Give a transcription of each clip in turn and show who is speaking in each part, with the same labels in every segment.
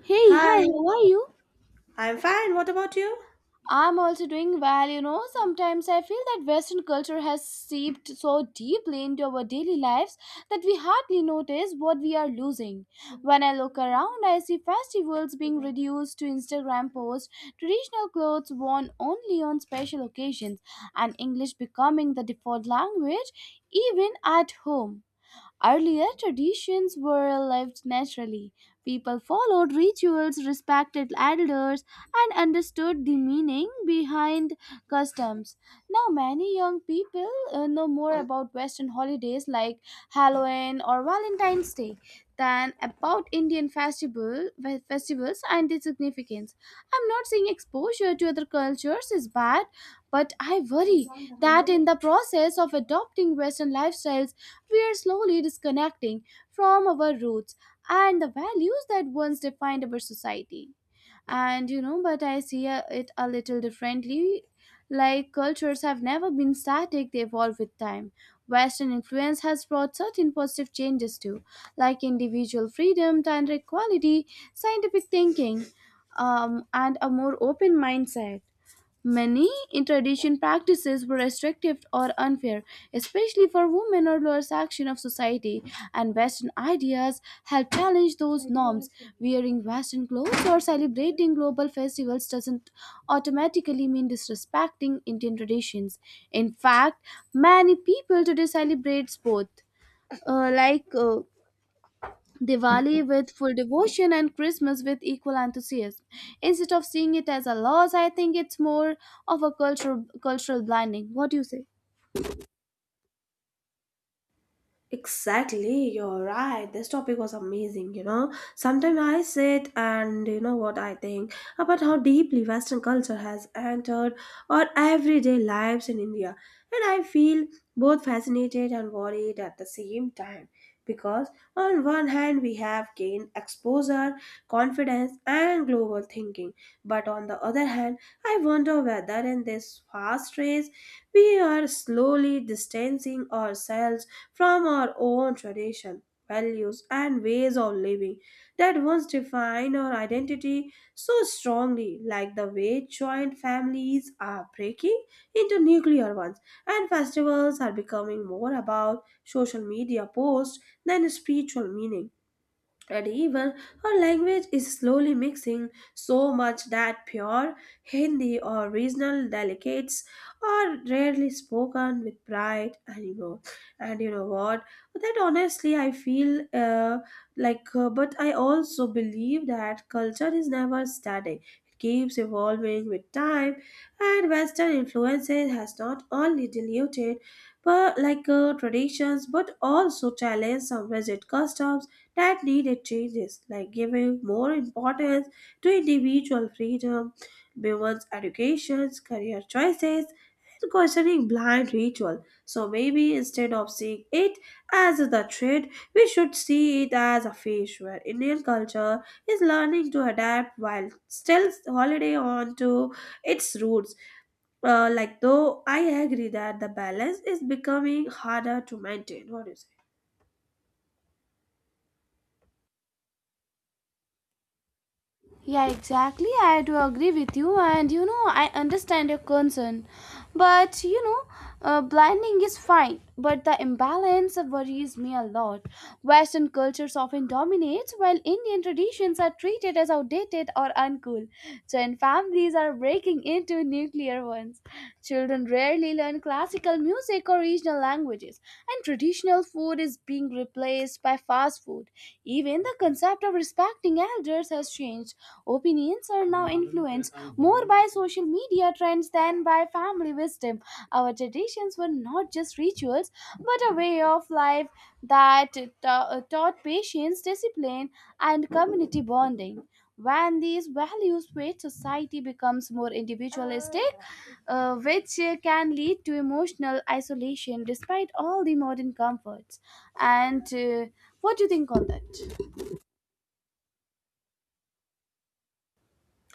Speaker 1: Hey, hi,
Speaker 2: Hi,
Speaker 1: how are you?
Speaker 2: I'm fine. What about you?
Speaker 1: I'm also doing well. You know, sometimes I feel that Western culture has seeped so deeply into our daily lives that we hardly notice what we are losing. When I look around, I see festivals being reduced to Instagram posts, traditional clothes worn only on special occasions, and English becoming the default language even at home. Earlier, traditions were lived naturally. People followed rituals, respected elders, and understood the meaning behind customs. Now, many young people know more about Western holidays like Halloween or Valentine's Day than about festivals and their significance. I'm not saying exposure to other cultures is bad, but I worry that in the process of adopting Western lifestyles, we are slowly disconnecting from our roots and the values that once defined our society. And you know, but I see, it a little differently. Like, cultures have never been static, they evolve with time. Western influence has brought certain positive changes too, like individual freedom, gender equality, scientific thinking, and a more open mindset. Many in tradition practices were restrictive or unfair, especially for women or lower section of society, and Western ideas help challenge those norms. Wearing Western clothes or celebrating global festivals doesn't automatically mean disrespecting Indian traditions. In fact, many people today celebrate both. Uh, like uh, Diwali with full devotion and Christmas with equal enthusiasm. Instead of seeing it as a loss, I think it's more of a cultural blinding. What do you say?
Speaker 2: Exactly, you're right. This topic was amazing, you know. Sometimes I sit and you know what I think about how deeply Western culture has entered our everyday lives in India. And I feel both fascinated and worried at the same time because, on one hand, we have gained exposure, confidence, and global thinking, but on the other hand, I wonder whether in this fast race we are slowly distancing ourselves from our own tradition, values, and ways of living that once defined our identity so strongly, like the way joint families are breaking into nuclear ones, and festivals are becoming more about social media posts than spiritual meaning, and even our language is slowly mixing so much that pure Hindi or regional delicates are rarely spoken with pride anymore. And you know what? That honestly, I feel but I also believe that culture is never static. It keeps evolving with time, and Western influences has not only diluted, but traditions, but also challenged some rigid customs that needed changes, like giving more importance to individual freedom, women's educations, career choices, and questioning blind ritual. So maybe instead of seeing it as the trend, we should see it as a phase where Indian culture is learning to adapt while still holiday on to its roots. Though I agree that the balance is becoming harder to maintain. What do you say?
Speaker 1: Yeah, exactly. I do agree with you, and you know, I understand your concern. But you know, blending is fine, but the imbalance worries me a lot. Western cultures often dominates, while Indian traditions are treated as outdated or uncool. Joint families are breaking into nuclear ones. Children rarely learn classical music or regional languages, and traditional food is being replaced by fast food. Even the concept of respecting elders has changed. Opinions are now influenced more by social media trends than by family wisdom. Our traditions were not just rituals, but a way of life that taught patience, discipline, and community bonding. When these values fade, society becomes more individualistic, which can lead to emotional isolation despite all the modern comforts. And what do you think on that?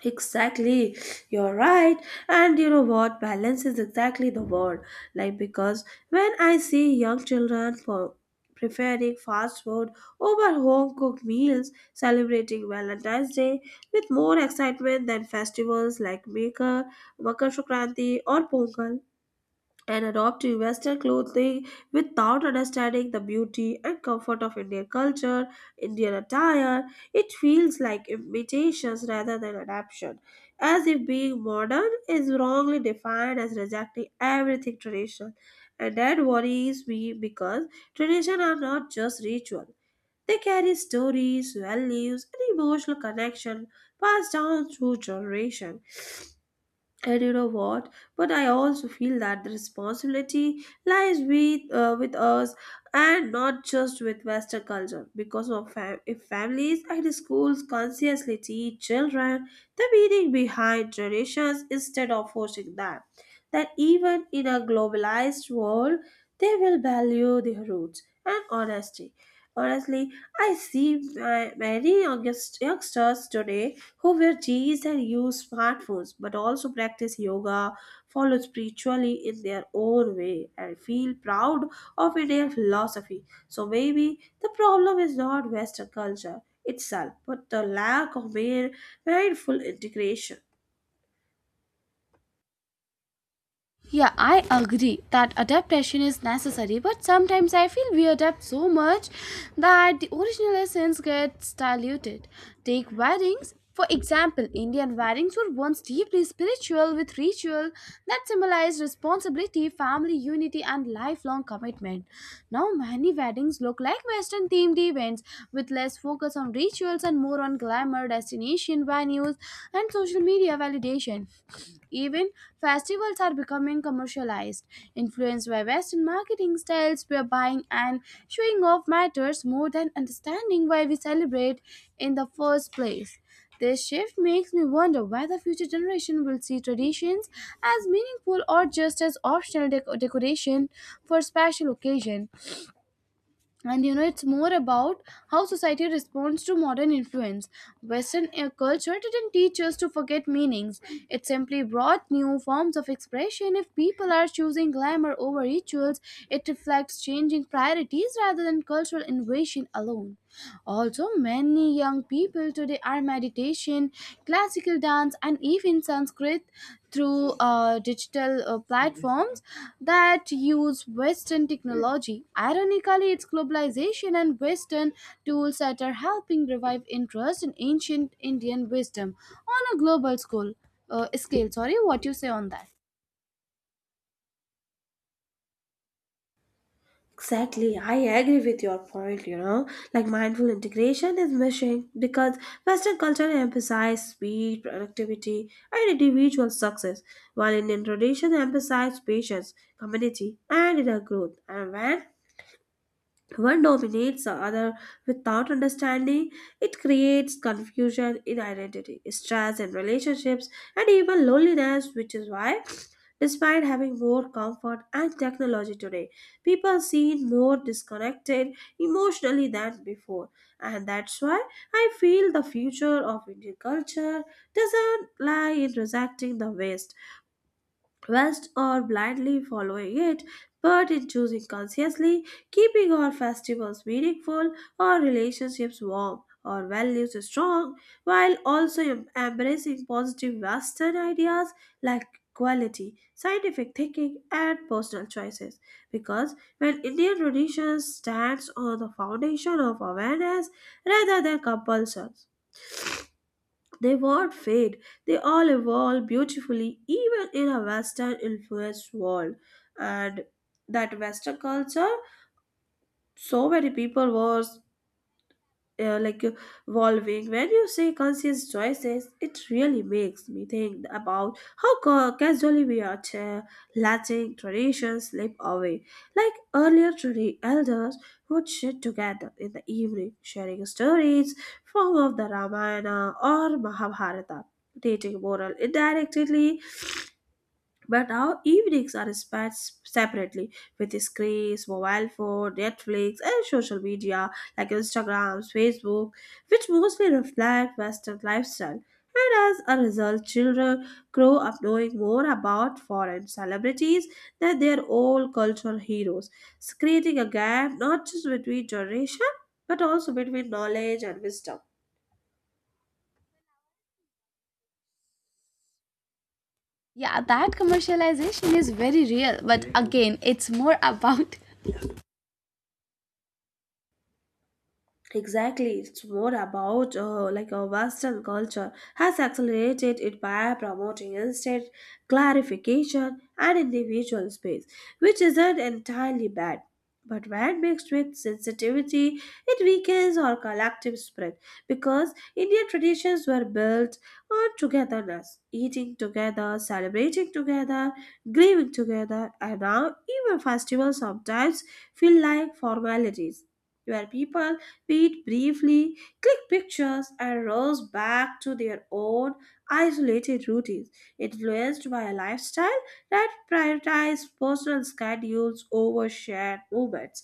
Speaker 2: Exactly, you're right. And you know what? Balance is exactly the word. Like, because when I see young children for preferring fast food over home cooked meals, celebrating Valentine's Day with more excitement than festivals like Makar Sankranti, or Pongal, and adopt to Western clothing without understanding the beauty and comfort of Indian culture, Indian attire. It feels like imitations rather than adaptation, as if being modern is wrongly defined as rejecting everything traditional. And that worries me because tradition are not just ritual. They carry stories, values, and emotional connection passed down through generation. And you know what? But I also feel that the responsibility lies with us, and not just with Western culture. Because of if families and schools consciously teach children the meaning behind traditions instead of forcing them, that even in a globalized world, they will value their roots and honesty. Honestly, I see youngsters today who wear jeans and use smartphones but also practice yoga, follow spiritually in their own way, and feel proud of Indian philosophy. So maybe the problem is not Western culture itself, but the lack of mere mindful integration.
Speaker 1: Yeah, I agree that adaptation is necessary, but sometimes I feel we adapt so much that the original essence gets diluted. Take weddings, for example, Indian weddings were once deeply spiritual with ritual that symbolized responsibility, family unity, and lifelong commitment. Now, many weddings look like Western themed events with less focus on rituals and more on glamour, destination, venues, and social media validation. Even festivals are becoming commercialized, influenced by Western marketing styles where buying and showing off matters more than understanding why we celebrate in the first place. This shift makes me wonder whether future generation will see traditions as meaningful or just as optional decoration for special occasion. And you know, it's more about how society responds to modern influence. Western culture didn't teach us to forget meanings, it simply brought new forms of expression. If people are choosing glamour over rituals, it reflects changing priorities rather than cultural invasion alone. Also, many young people today are meditation, classical dance, and even Sanskrit through digital platforms that use Western technology. Ironically, it's globalization and Western tools that are helping revive interest in ancient Indian wisdom on a scale. Sorry, what you say on that?
Speaker 2: Exactly, I agree with your point. You know, like mindful integration is missing because Western culture emphasizes speed, productivity, and individual success, while Indian tradition emphasizes patience, community, and inner growth. And when one dominates the other without understanding, it creates confusion in identity, stress in relationships, and even loneliness, which is why, despite having more comfort and technology today, people seem more disconnected emotionally than before. And that's why I feel the future of Indian culture doesn't lie in rejecting the West or blindly following it, but in choosing consciously, keeping our festivals meaningful, our relationships warm, our values strong, while also embracing positive Western ideas like equality, scientific thinking, and personal choices. Because when Indian tradition stands on the foundation of awareness rather than compulsion, they won't fade. They all evolve beautifully, even in a Western influenced world. And that Western culture, so many people were uh, like uh, evolving. When you say conscious choices, it really makes me think about how casually we are letting traditions slip away, like earlier elders would sit together in the evening sharing stories from of the Ramayana or Mahabharata, teaching moral indirectly, but our evenings are spent separately with screens, mobile phone, Netflix, and social media like Instagram, Facebook, which mostly reflect Western lifestyle. And as a result, children grow up knowing more about foreign celebrities than their own cultural heroes, creating a gap not just between generation but also between knowledge and wisdom.
Speaker 1: Yeah, that commercialization is very real, but again, it's more about.
Speaker 2: Exactly, it's more about like a Western culture has accelerated it by promoting instant clarification and individual space, which isn't entirely bad. But when mixed with sensitivity, it weakens our collective spirit because Indian traditions were built on togetherness, eating together, celebrating together, grieving together, and now even festivals sometimes feel like formalities where people wait briefly, click pictures, and rouse back to their own isolated routines, influenced by a lifestyle that prioritizes personal schedules over shared movements.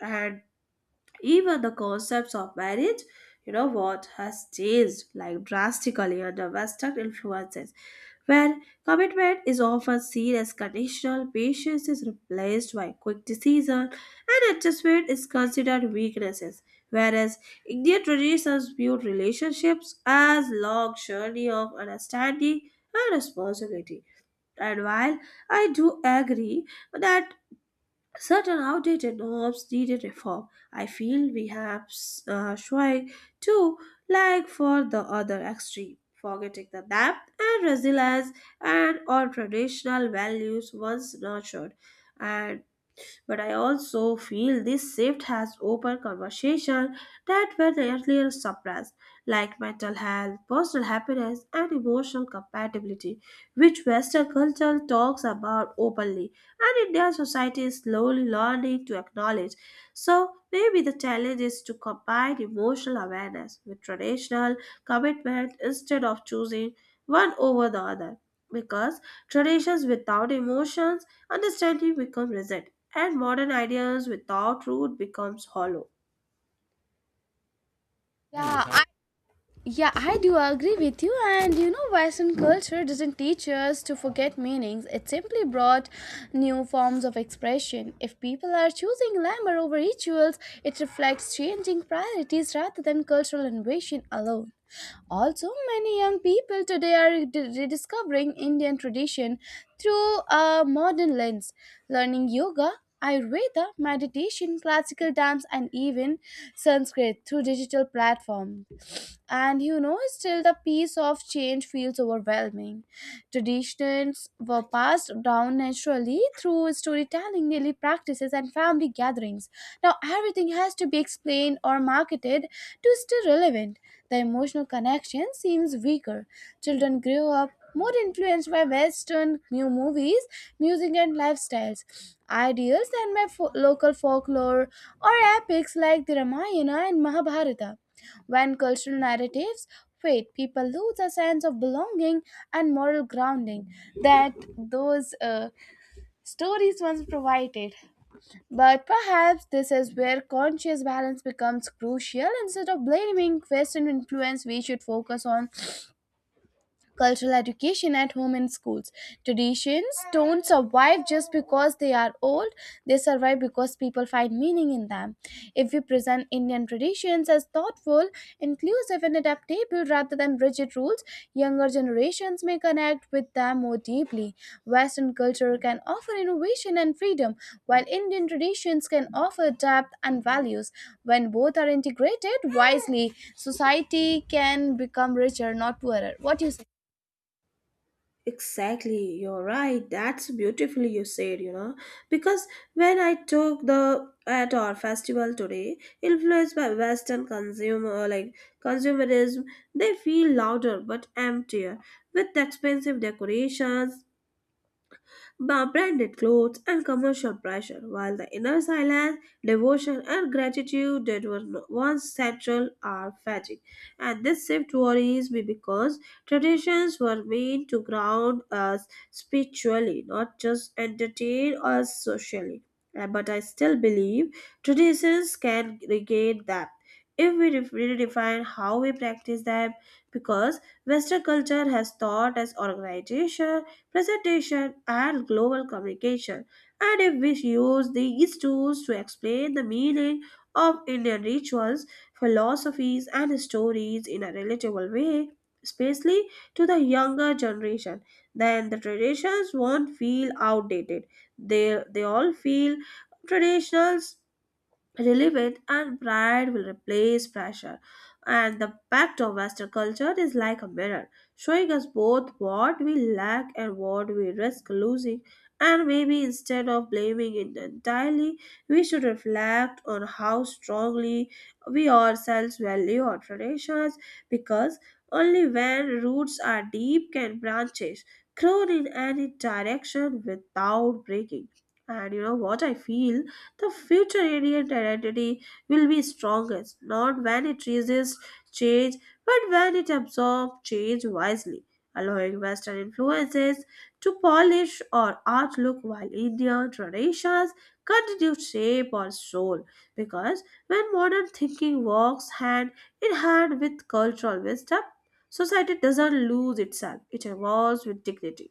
Speaker 2: And even the concepts of marriage, you know what, has changed like drastically under Western influences, where commitment is often seen as conditional, patience is replaced by quick decision, and adjustment is considered weaknesses. Whereas Indian traditions view relationships as long journey of understanding and responsibility. And while I do agree that certain outdated norms needed reform. I feel we have shy too, like for the other extreme, forgetting the depth and resilience and all traditional values once nurtured. And but I also feel this shift has opened conversations that were earlier suppressed, like mental health, personal happiness, and emotional compatibility, which Western culture talks about openly, and Indian society is slowly learning to acknowledge. So maybe the challenge is to combine emotional awareness with traditional commitment instead of choosing one over the other. Because traditions without emotions, understanding become rigid. And modern ideas without root becomes hollow.
Speaker 1: Yeah, yeah, I do agree with you. And you know, Western culture doesn't teach us to forget meanings, it simply brought new forms of expression. If people are choosing glamour over rituals, it reflects changing priorities rather than cultural innovation alone. Also, many young people today are rediscovering Indian tradition through a modern lens, learning yoga, Ayurveda, meditation, classical dance, and even Sanskrit through digital platforms. And you know, still the piece of change feels overwhelming. Traditions were passed down naturally through storytelling, daily practices, and family gatherings. Now everything has to be explained or marketed to stay relevant. The emotional connection seems weaker. Children grew up more influenced by western new movies, music, and lifestyles ideals than by local folklore or epics like the Ramayana and Mahabharata. When cultural narratives fade, people lose a sense of belonging and moral grounding that those stories once provided. But perhaps this is where conscious balance becomes crucial. Instead of blaming Western influence, we should focus on cultural education at home and schools. Traditions don't survive just because they are old, they survive because people find meaning in them. If we present Indian traditions as thoughtful, inclusive, and adaptable rather than rigid rules, younger generations may connect with them more deeply. Western culture can offer innovation and freedom, while Indian traditions can offer depth and values. When both are integrated wisely, society can become richer, not poorer. What do you say?
Speaker 2: Exactly, you're right. That's beautifully you said, you know. Because when I took the at our festival today, influenced by Western consumerism, they feel louder but emptier. With expensive decorations, branded clothes, and commercial pressure, while the inner silence, devotion, and gratitude that were once central are fading. And this shift worries me because traditions were meant to ground us spiritually, not just entertain us socially. But I still believe traditions can regain depth if we redefine how we practice them because Western culture has taught us organization presentation, and global communication. And if we use these tools to explain the meaning of Indian rituals, philosophies, and stories in a relatable way, especially to the younger generation, then the traditions won't feel outdated. They all feel traditional.s relevant and pride will replace pressure. And the impact of Western culture is like a mirror, showing us both what we lack and what we risk losing. And maybe instead of blaming it entirely, we should reflect on how strongly we ourselves value our traditions because only when roots are deep can branches grow in any direction without breaking. And you know what I feel? The future Indian identity will be strongest not when it resists change but when it absorbs change wisely, allowing Western influences to polish our outlook while Indian traditions continue to shape our soul. Because when modern thinking walks hand in hand with cultural wisdom, society doesn't lose itself, it evolves with dignity.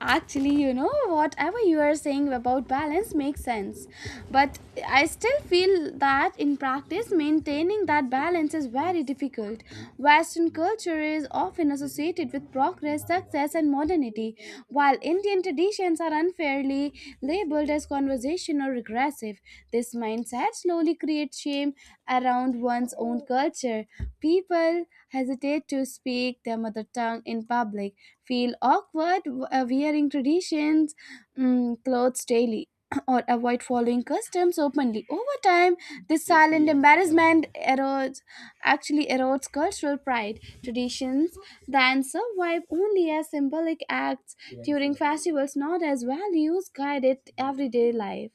Speaker 1: Actually, you know, whatever you are saying about balance makes sense. But I still feel that in practice, maintaining that balance is very difficult. Western culture is often associated with progress, success, and modernity, while Indian traditions are unfairly labeled as conversational or regressive. This mindset slowly creates shame around one's own culture. People hesitate to speak their mother tongue in public, feel awkward wearing traditions clothes daily, or avoid following customs openly. Over time, this silent embarrassment erodes, actually erodes cultural pride. Traditions then survive only as symbolic acts during festivals, not as values guided everyday life.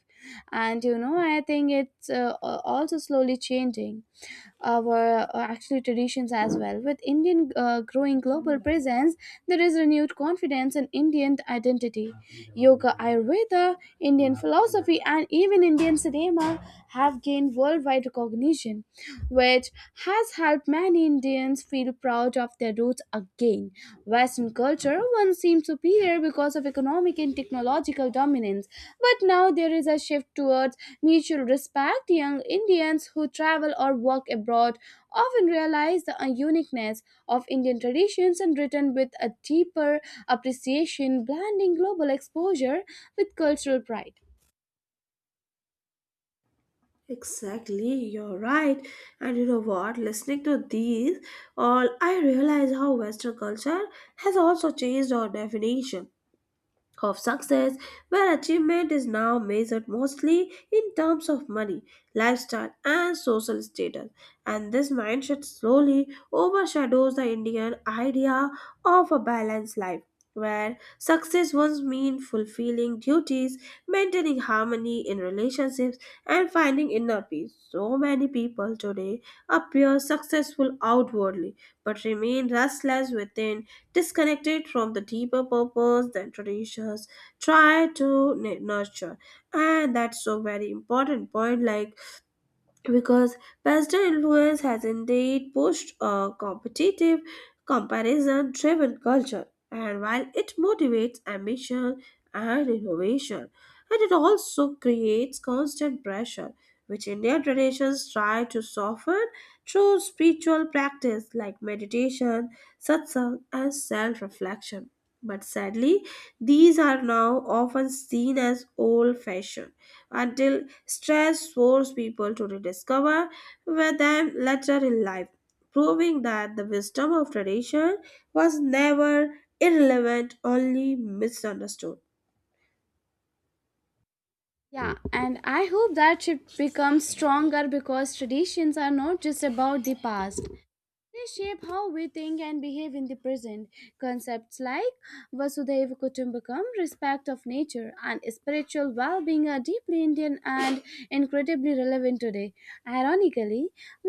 Speaker 1: And you know, I think it's also slowly changing our actually traditions as well. With Indian growing global presence, there is renewed confidence in Indian identity. Yoga, Ayurveda, Indian philosophy, and even Indian cinema have gained worldwide recognition, which has helped many Indians feel proud of their roots again. Western culture once seemed superior because of economic and technological dominance, but now there is a shift towards mutual respect. Young Indians who travel or work abroad often realize the uniqueness of Indian traditions and return with a deeper appreciation, blending global exposure with cultural pride.
Speaker 2: Exactly, you're right. And you know what? Listening to these, all I realize how Western culture has also changed our definition of success, where achievement is now measured mostly in terms of money, lifestyle, and social status. And this mindset slowly overshadows the Indian idea of a balanced life. Where success once meant fulfilling duties, maintaining harmony in relationships, and finding inner peace. So many people today appear successful outwardly but remain restless within disconnected from the deeper purpose that traditions try to nurture. And that's so very important point. Like because Western influence has indeed pushed a competitive, comparison driven culture, and while it motivates ambition and innovation, and it also creates constant pressure, which Indian traditions try to soften through spiritual practice like meditation, satsang, and self reflection. But sadly, these are now often seen as old fashioned until stress forced people to rediscover with them later in life, proving that the wisdom of tradition was never irrelevant, only misunderstood.
Speaker 1: Yeah, and I hope that shift becomes stronger because traditions are not just about the past, they shape how we think and behave in the present. Concepts like vasudhaiva Kutumbakam, respect of nature, and spiritual well being are deeply Indian and incredibly relevant today. Ironically,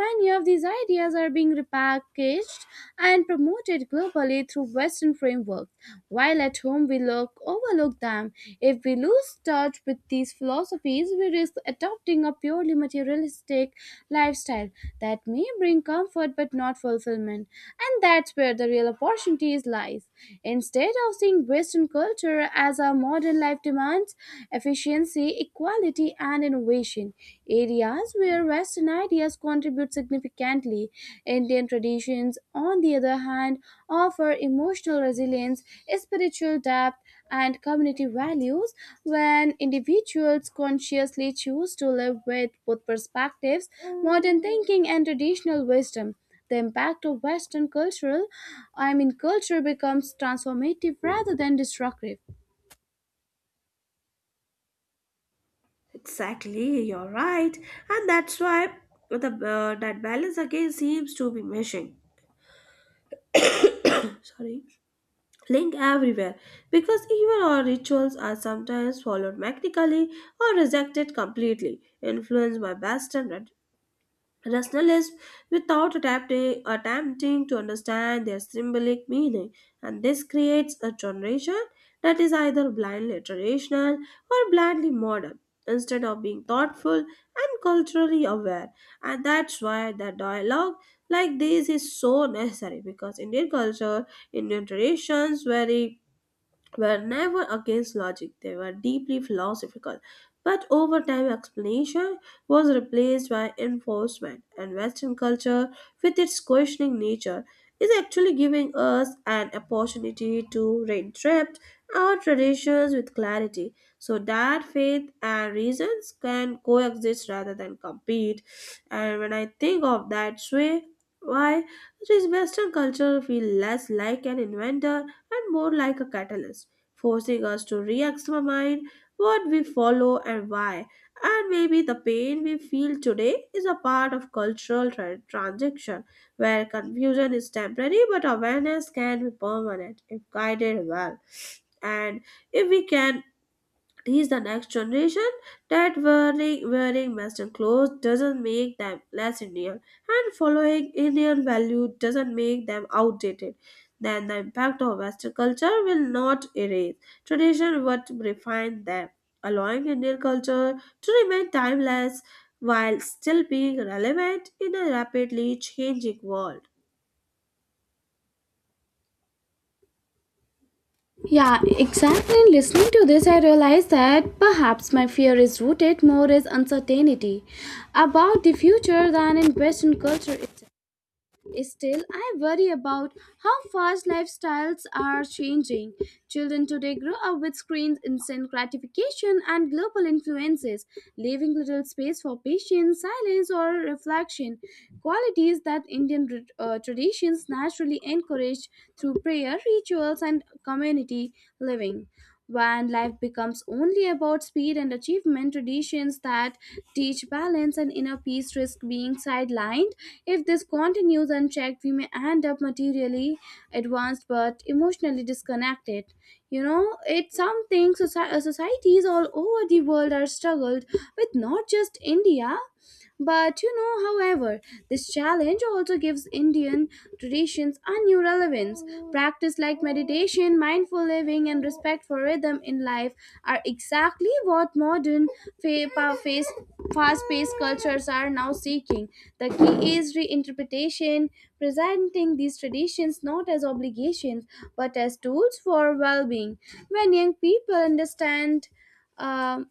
Speaker 1: many of these ideas are being repackaged and promoted globally through Western frameworks, while at home we look overlook them. If we lose touch with these philosophies, we risk adopting a purely materialistic lifestyle that may bring comfort but not fulfillment. And that's where the real opportunities lies. Instead of seeing Western culture as our modern life demands efficiency, equality, and innovation, areas where Western ideas contribute significantly. Indian traditions, on the other hand, offer emotional resilience, spiritual depth, and community values when individuals consciously choose to live with both perspectives, modern thinking and traditional wisdom. The impact of Western cultural, I mean culture becomes transformative rather than destructive.
Speaker 2: Exactly, you're right, and that's why the that balance again seems to be missing. Sorry, link everywhere because even our rituals are sometimes followed mechanically or rejected completely, influenced by Western rationalists without adapting, attempting to understand their symbolic meaning, and this creates a generation that is either blindly traditional or blindly modern instead of being thoughtful and culturally aware. And that's why the dialogue like this is so necessary because Indian traditions vary were never against logic, they were deeply philosophical. But over time, explanation was replaced by enforcement, and Western culture, with its questioning nature, is actually giving us an opportunity to reinterpret our traditions with clarity so that faith and reasons can coexist rather than compete. And when I think of that way, why does Western culture feel less like an inventor and more like a catalyst? Forcing us to re examine what we follow and why. And maybe the pain we feel today is a part of cultural transition where confusion is temporary but awareness can be permanent if guided well. And if we can he's the next generation that wearing western clothes doesn't make them less indian and following indian value doesn't make them outdated, then the impact of western culture will not erase tradition but refine them, allowing indian culture to remain timeless while still being relevant in a rapidly changing world.
Speaker 1: Yeah, exactly. In listening to this, I realized that perhaps my fear is rooted more in uncertainty about the future than in Western culture itself. Still, I worry about how fast lifestyles are changing. Children today grow up with screens, instant gratification, and global influences, leaving little space for patience, silence, or reflection. Qualities that Indian traditions naturally encourage through prayer, rituals, and community living. When life becomes only about speed and achievement, traditions that teach balance and inner peace risk being sidelined. If this continues unchecked, we may end up materially advanced but emotionally disconnected. You know, it's something societies all over the world are struggled with, not just India. But you know, however, this challenge also gives Indian traditions a new relevance. Practice like meditation, mindful living, and respect for rhythm in life are exactly what modern fa- pa- face- fast-paced cultures are now seeking. The key is reinterpretation, presenting these traditions not as obligations but as tools for well-being. When young people understand um,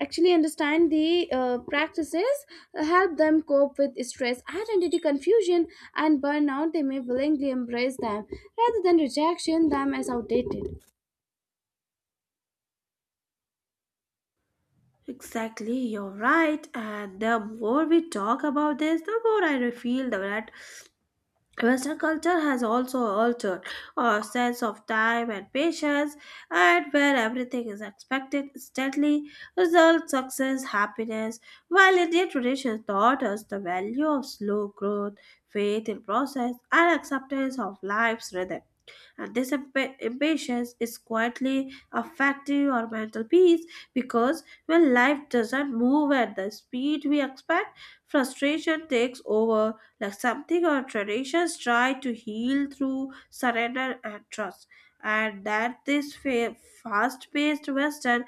Speaker 1: actually understand the practices help them cope with stress, identity confusion, and burnout, they may willingly embrace them rather than rejection them as outdated.
Speaker 2: Exactly, you're right. And the more we talk about this, the more I feel that Western culture has also altered our sense of time and patience, and where everything is expected instantly, result, success, happiness, while Indian tradition taught us the value of slow growth, faith in process, and acceptance of life's rhythm, and this impatience is quietly affecting our mental peace because when life doesn't move at the speed we expect, frustration takes over, like something our traditions try to heal through surrender and trust. And that this fast-paced Western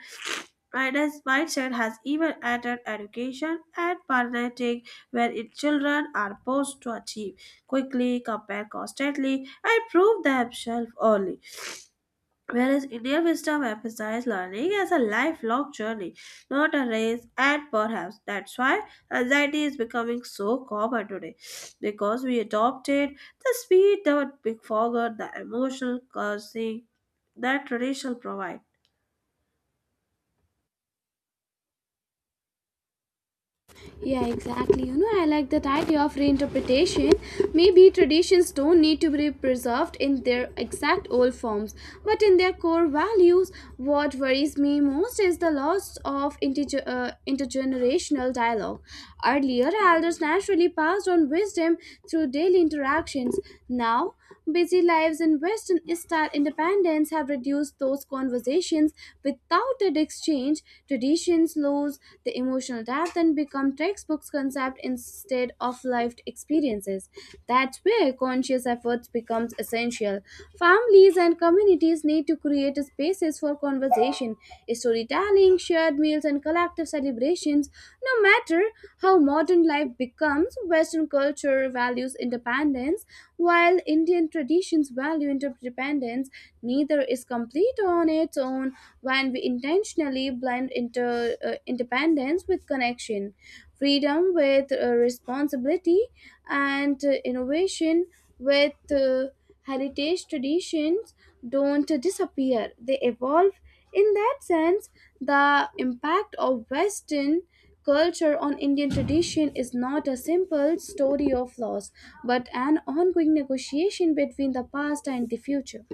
Speaker 2: minus mindset has even entered education and parenting, where its children are forced to achieve quickly, compare constantly, and prove themselves early. Whereas Indian wisdom emphasizes learning as a lifelong journey, not a race, and perhaps that's why anxiety is becoming so common today because we adopted the speed that we forgot the emotional cursing that tradition provide.
Speaker 1: Yeah, exactly. You know, I like that idea of reinterpretation. Maybe traditions don't need to be preserved in their exact old forms, but in their core values. What worries me most is the loss of intergenerational dialogue. Earlier, elders naturally passed on wisdom through daily interactions. Now, busy lives and Western style independence have reduced those conversations without an exchange. Tradition patience lose the emotional depth and become textbooks concept instead of lived experiences. That's where conscious efforts becomes essential. Families and communities need to create spaces for conversation, storytelling, shared meals, and collective celebrations. No matter how modern life becomes, Western culture values independence, while Indian traditions value interdependence. Neither is complete on its own zone when we intentionally blend independence with connection, freedom with responsibility, and innovation with heritage traditions don't disappear, they evolve. In that sense, the impact of Western culture on Indian tradition is not a simple story of loss, but an ongoing negotiation between the past and the future.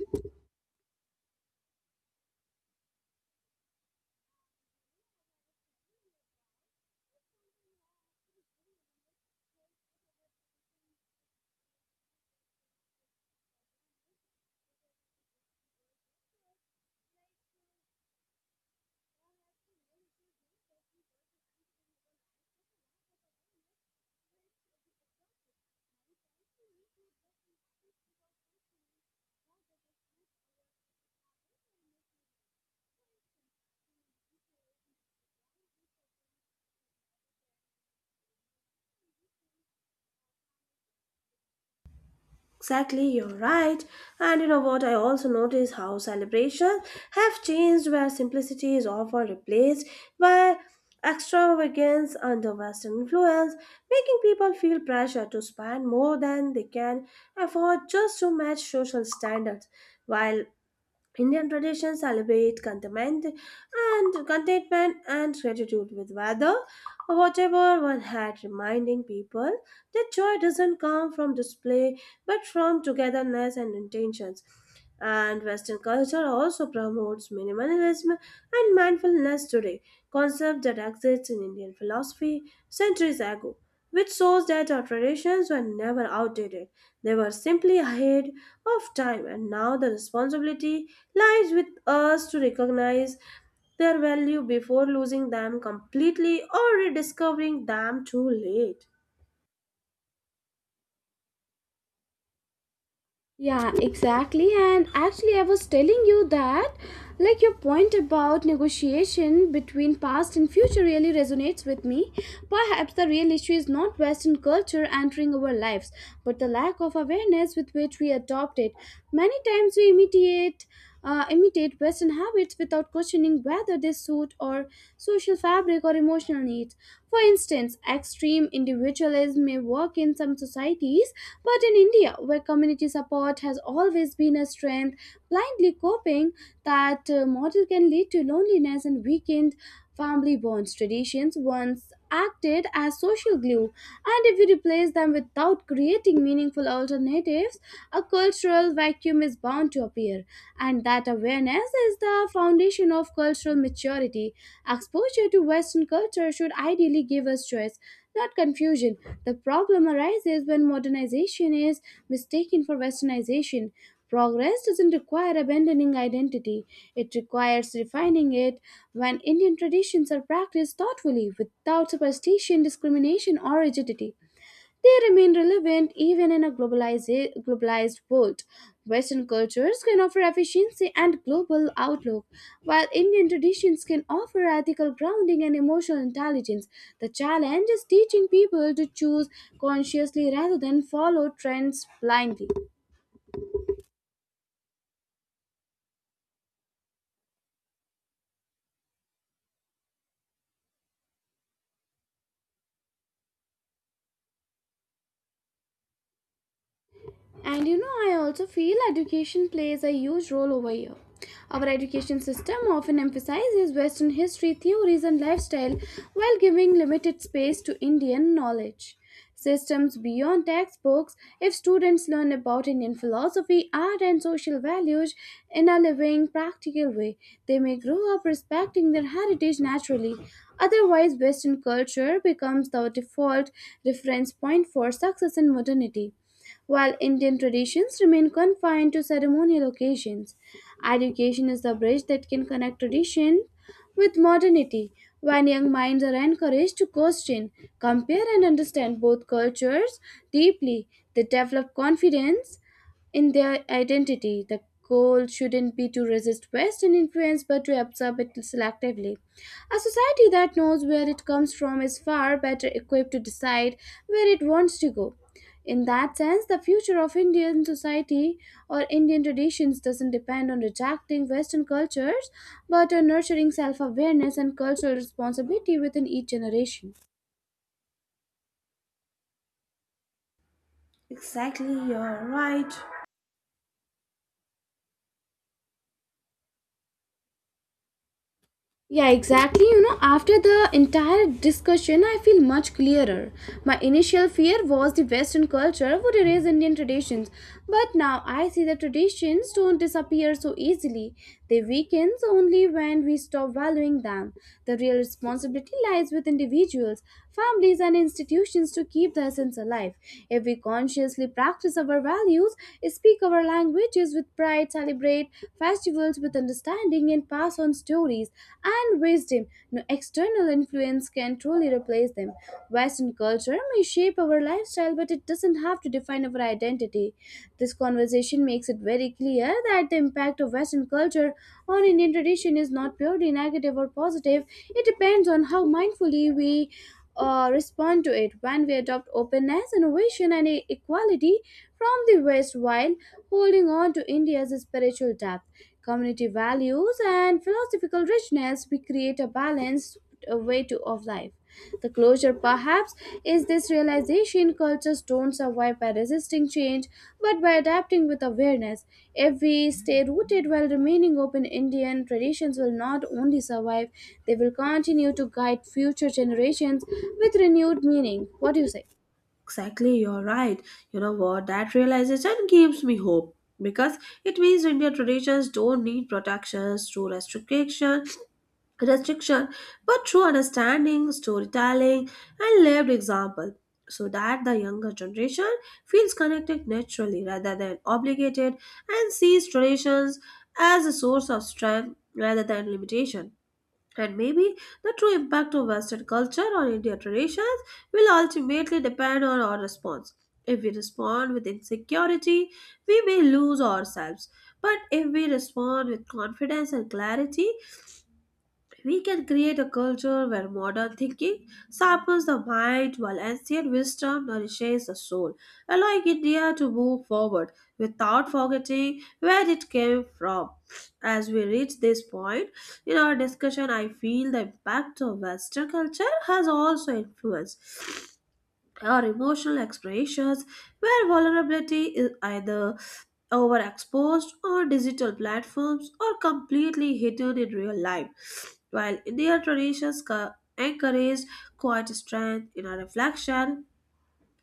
Speaker 2: Exactly, you're right. And you know what? I also notice how celebrations have changed, where simplicity is often replaced by extravagance under Western influence, making people feel pressure to spend more than they can afford just to match social standards. While Indian traditions celebrate contentment and gratitude with weather, or whatever one had, reminding people that joy doesn't come from display but from togetherness and intentions. And Western culture also promotes minimalism and mindfulness today, concepts that exist in Indian philosophy centuries ago, which shows that our traditions were never outdated. They were simply ahead of time, and now the responsibility lies with us to recognize their value before losing them completely or rediscovering them too late.
Speaker 1: Yeah, exactly. And actually, I was telling you that, like, your point about negotiation between past and future really resonates with me. Perhaps the real issue is not Western culture entering our lives, but the lack of awareness with which we adopt it. Many times we imitate Western habits without questioning whether they suit our social fabric or emotional needs. For instance, extreme individualism may work in some societies, but in India, where community support has always been a strength, blindly coping that model can lead to loneliness and weakened family bonds. Traditions once acted as social glue, and if we replace them without creating meaningful alternatives, a cultural vacuum is bound to appear. And that awareness is the foundation of cultural maturity. Exposure to Western culture should ideally give us choice, not confusion. The problem arises when modernization is mistaken for westernization. Progress doesn't require abandoning identity, it requires refining it when Indian traditions are practiced thoughtfully without superstition, discrimination, or rigidity. They remain relevant even in a globalized world. Western cultures can offer efficiency and global outlook, while Indian traditions can offer ethical grounding and emotional intelligence. The challenge is teaching people to choose consciously rather than follow trends blindly. And you know, I also feel education plays a huge role over here. Our education system often emphasizes Western history, theories, and lifestyle while giving limited space to Indian knowledge. Systems beyond textbooks, if students learn about Indian philosophy, art, and social values in a living, practical way, they may grow up respecting their heritage naturally. Otherwise, Western culture becomes the default reference point for success and modernity. While Indian traditions remain confined to ceremonial occasions, education is the bridge that can connect tradition with modernity. When young minds are encouraged to question, compare, and understand both cultures deeply, they develop confidence in their identity. The goal shouldn't be to resist Western influence but to absorb it selectively. A society that knows where it comes from is far better equipped to decide where it wants to go. In that sense, the future of Indian society or Indian traditions doesn't depend on rejecting Western cultures but on nurturing self awareness and cultural responsibility within each generation.
Speaker 2: Exactly, you're right.
Speaker 1: Yeah, exactly. You know, after the entire discussion, I feel much clearer. My initial fear was the Western culture would erase Indian traditions, but now I see that traditions don't disappear so easily. They weaken only when we stop valuing them. The real responsibility lies with individuals, families, and institutions to keep the essence alive. If we consciously practice our values, speak our languages with pride, celebrate festivals with understanding and pass on stories and wisdom. No external influence can truly replace them. Western culture may shape our lifestyle, but it doesn't have to define our identity. This conversation makes it very clear that the impact of Western culture on Indian tradition is not purely negative or positive. It depends on how mindfully we respond to it when we adopt openness, innovation, and equality from the West while holding on to India's spiritual depth, community values, and philosophical richness, we create a balanced of life. The closure, perhaps, crafts is this realization cultures don't survive by resisting change but by adapting with awareness. If we stay rooted while remaining open, Indian traditions will not only survive, they will continue to guide future generations with renewed meaning. What do you say?
Speaker 2: Exactly, you're right. You know what? That realization gives me hope because it means Indian traditions don't need protections through restriction, but through understanding, storytelling, and lived example, so that the younger generation feels connected naturally rather than obligated and sees traditions as a source of strength rather than limitation. And maybe the true impact of Western culture on Indian traditions will ultimately depend on our response. If we respond with insecurity, we may lose ourselves. But if we respond with confidence and clarity, we can create a culture where modern thinking sharpens the mind while ancient wisdom nourishes the soul, allowing India to move forward without forgetting where it came from. As we reach this point in our discussion, I feel the impact of Western culture has also influenced or emotional expressions, where vulnerability is either overexposed or digital platforms or completely hidden in real life. While Indian traditions encourage quiet strength, inner reflection,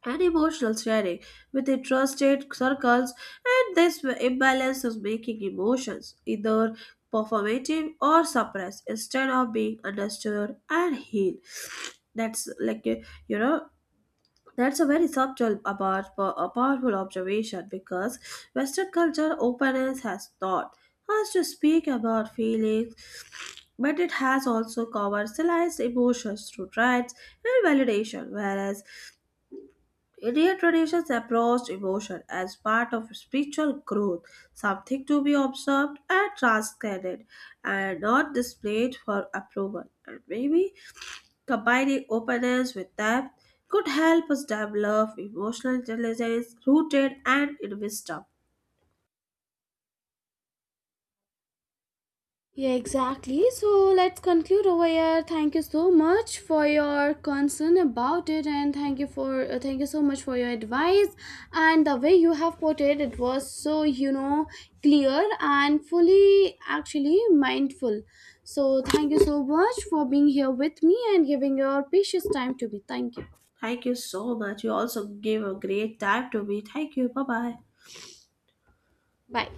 Speaker 2: and emotional sharing within trusted circles, and this imbalance is making emotions either performative or suppressed instead of being understood and healed. That's like, you know, that's a very subtle but a powerful observation because Western culture openness has taught us to speak about feelings, but it has also commercialized emotions through rights and validation, whereas Indian traditions approached emotion as part of spiritual growth, something to be observed and transcended, and not displayed for approval. And maybe combining openness with depth could help us develop emotional intelligence rooted and in wisdom.
Speaker 1: Yeah, exactly. So let's conclude over here. Thank you so much for your concern about it, and thank you so much for your advice and the way you have put it. It was so clear and fully actually mindful. So thank you so much for being here with me and giving your precious time to me. Thank you.
Speaker 2: Thank you so much. You also gave a great time to me. Thank you. Bye bye.
Speaker 1: Bye.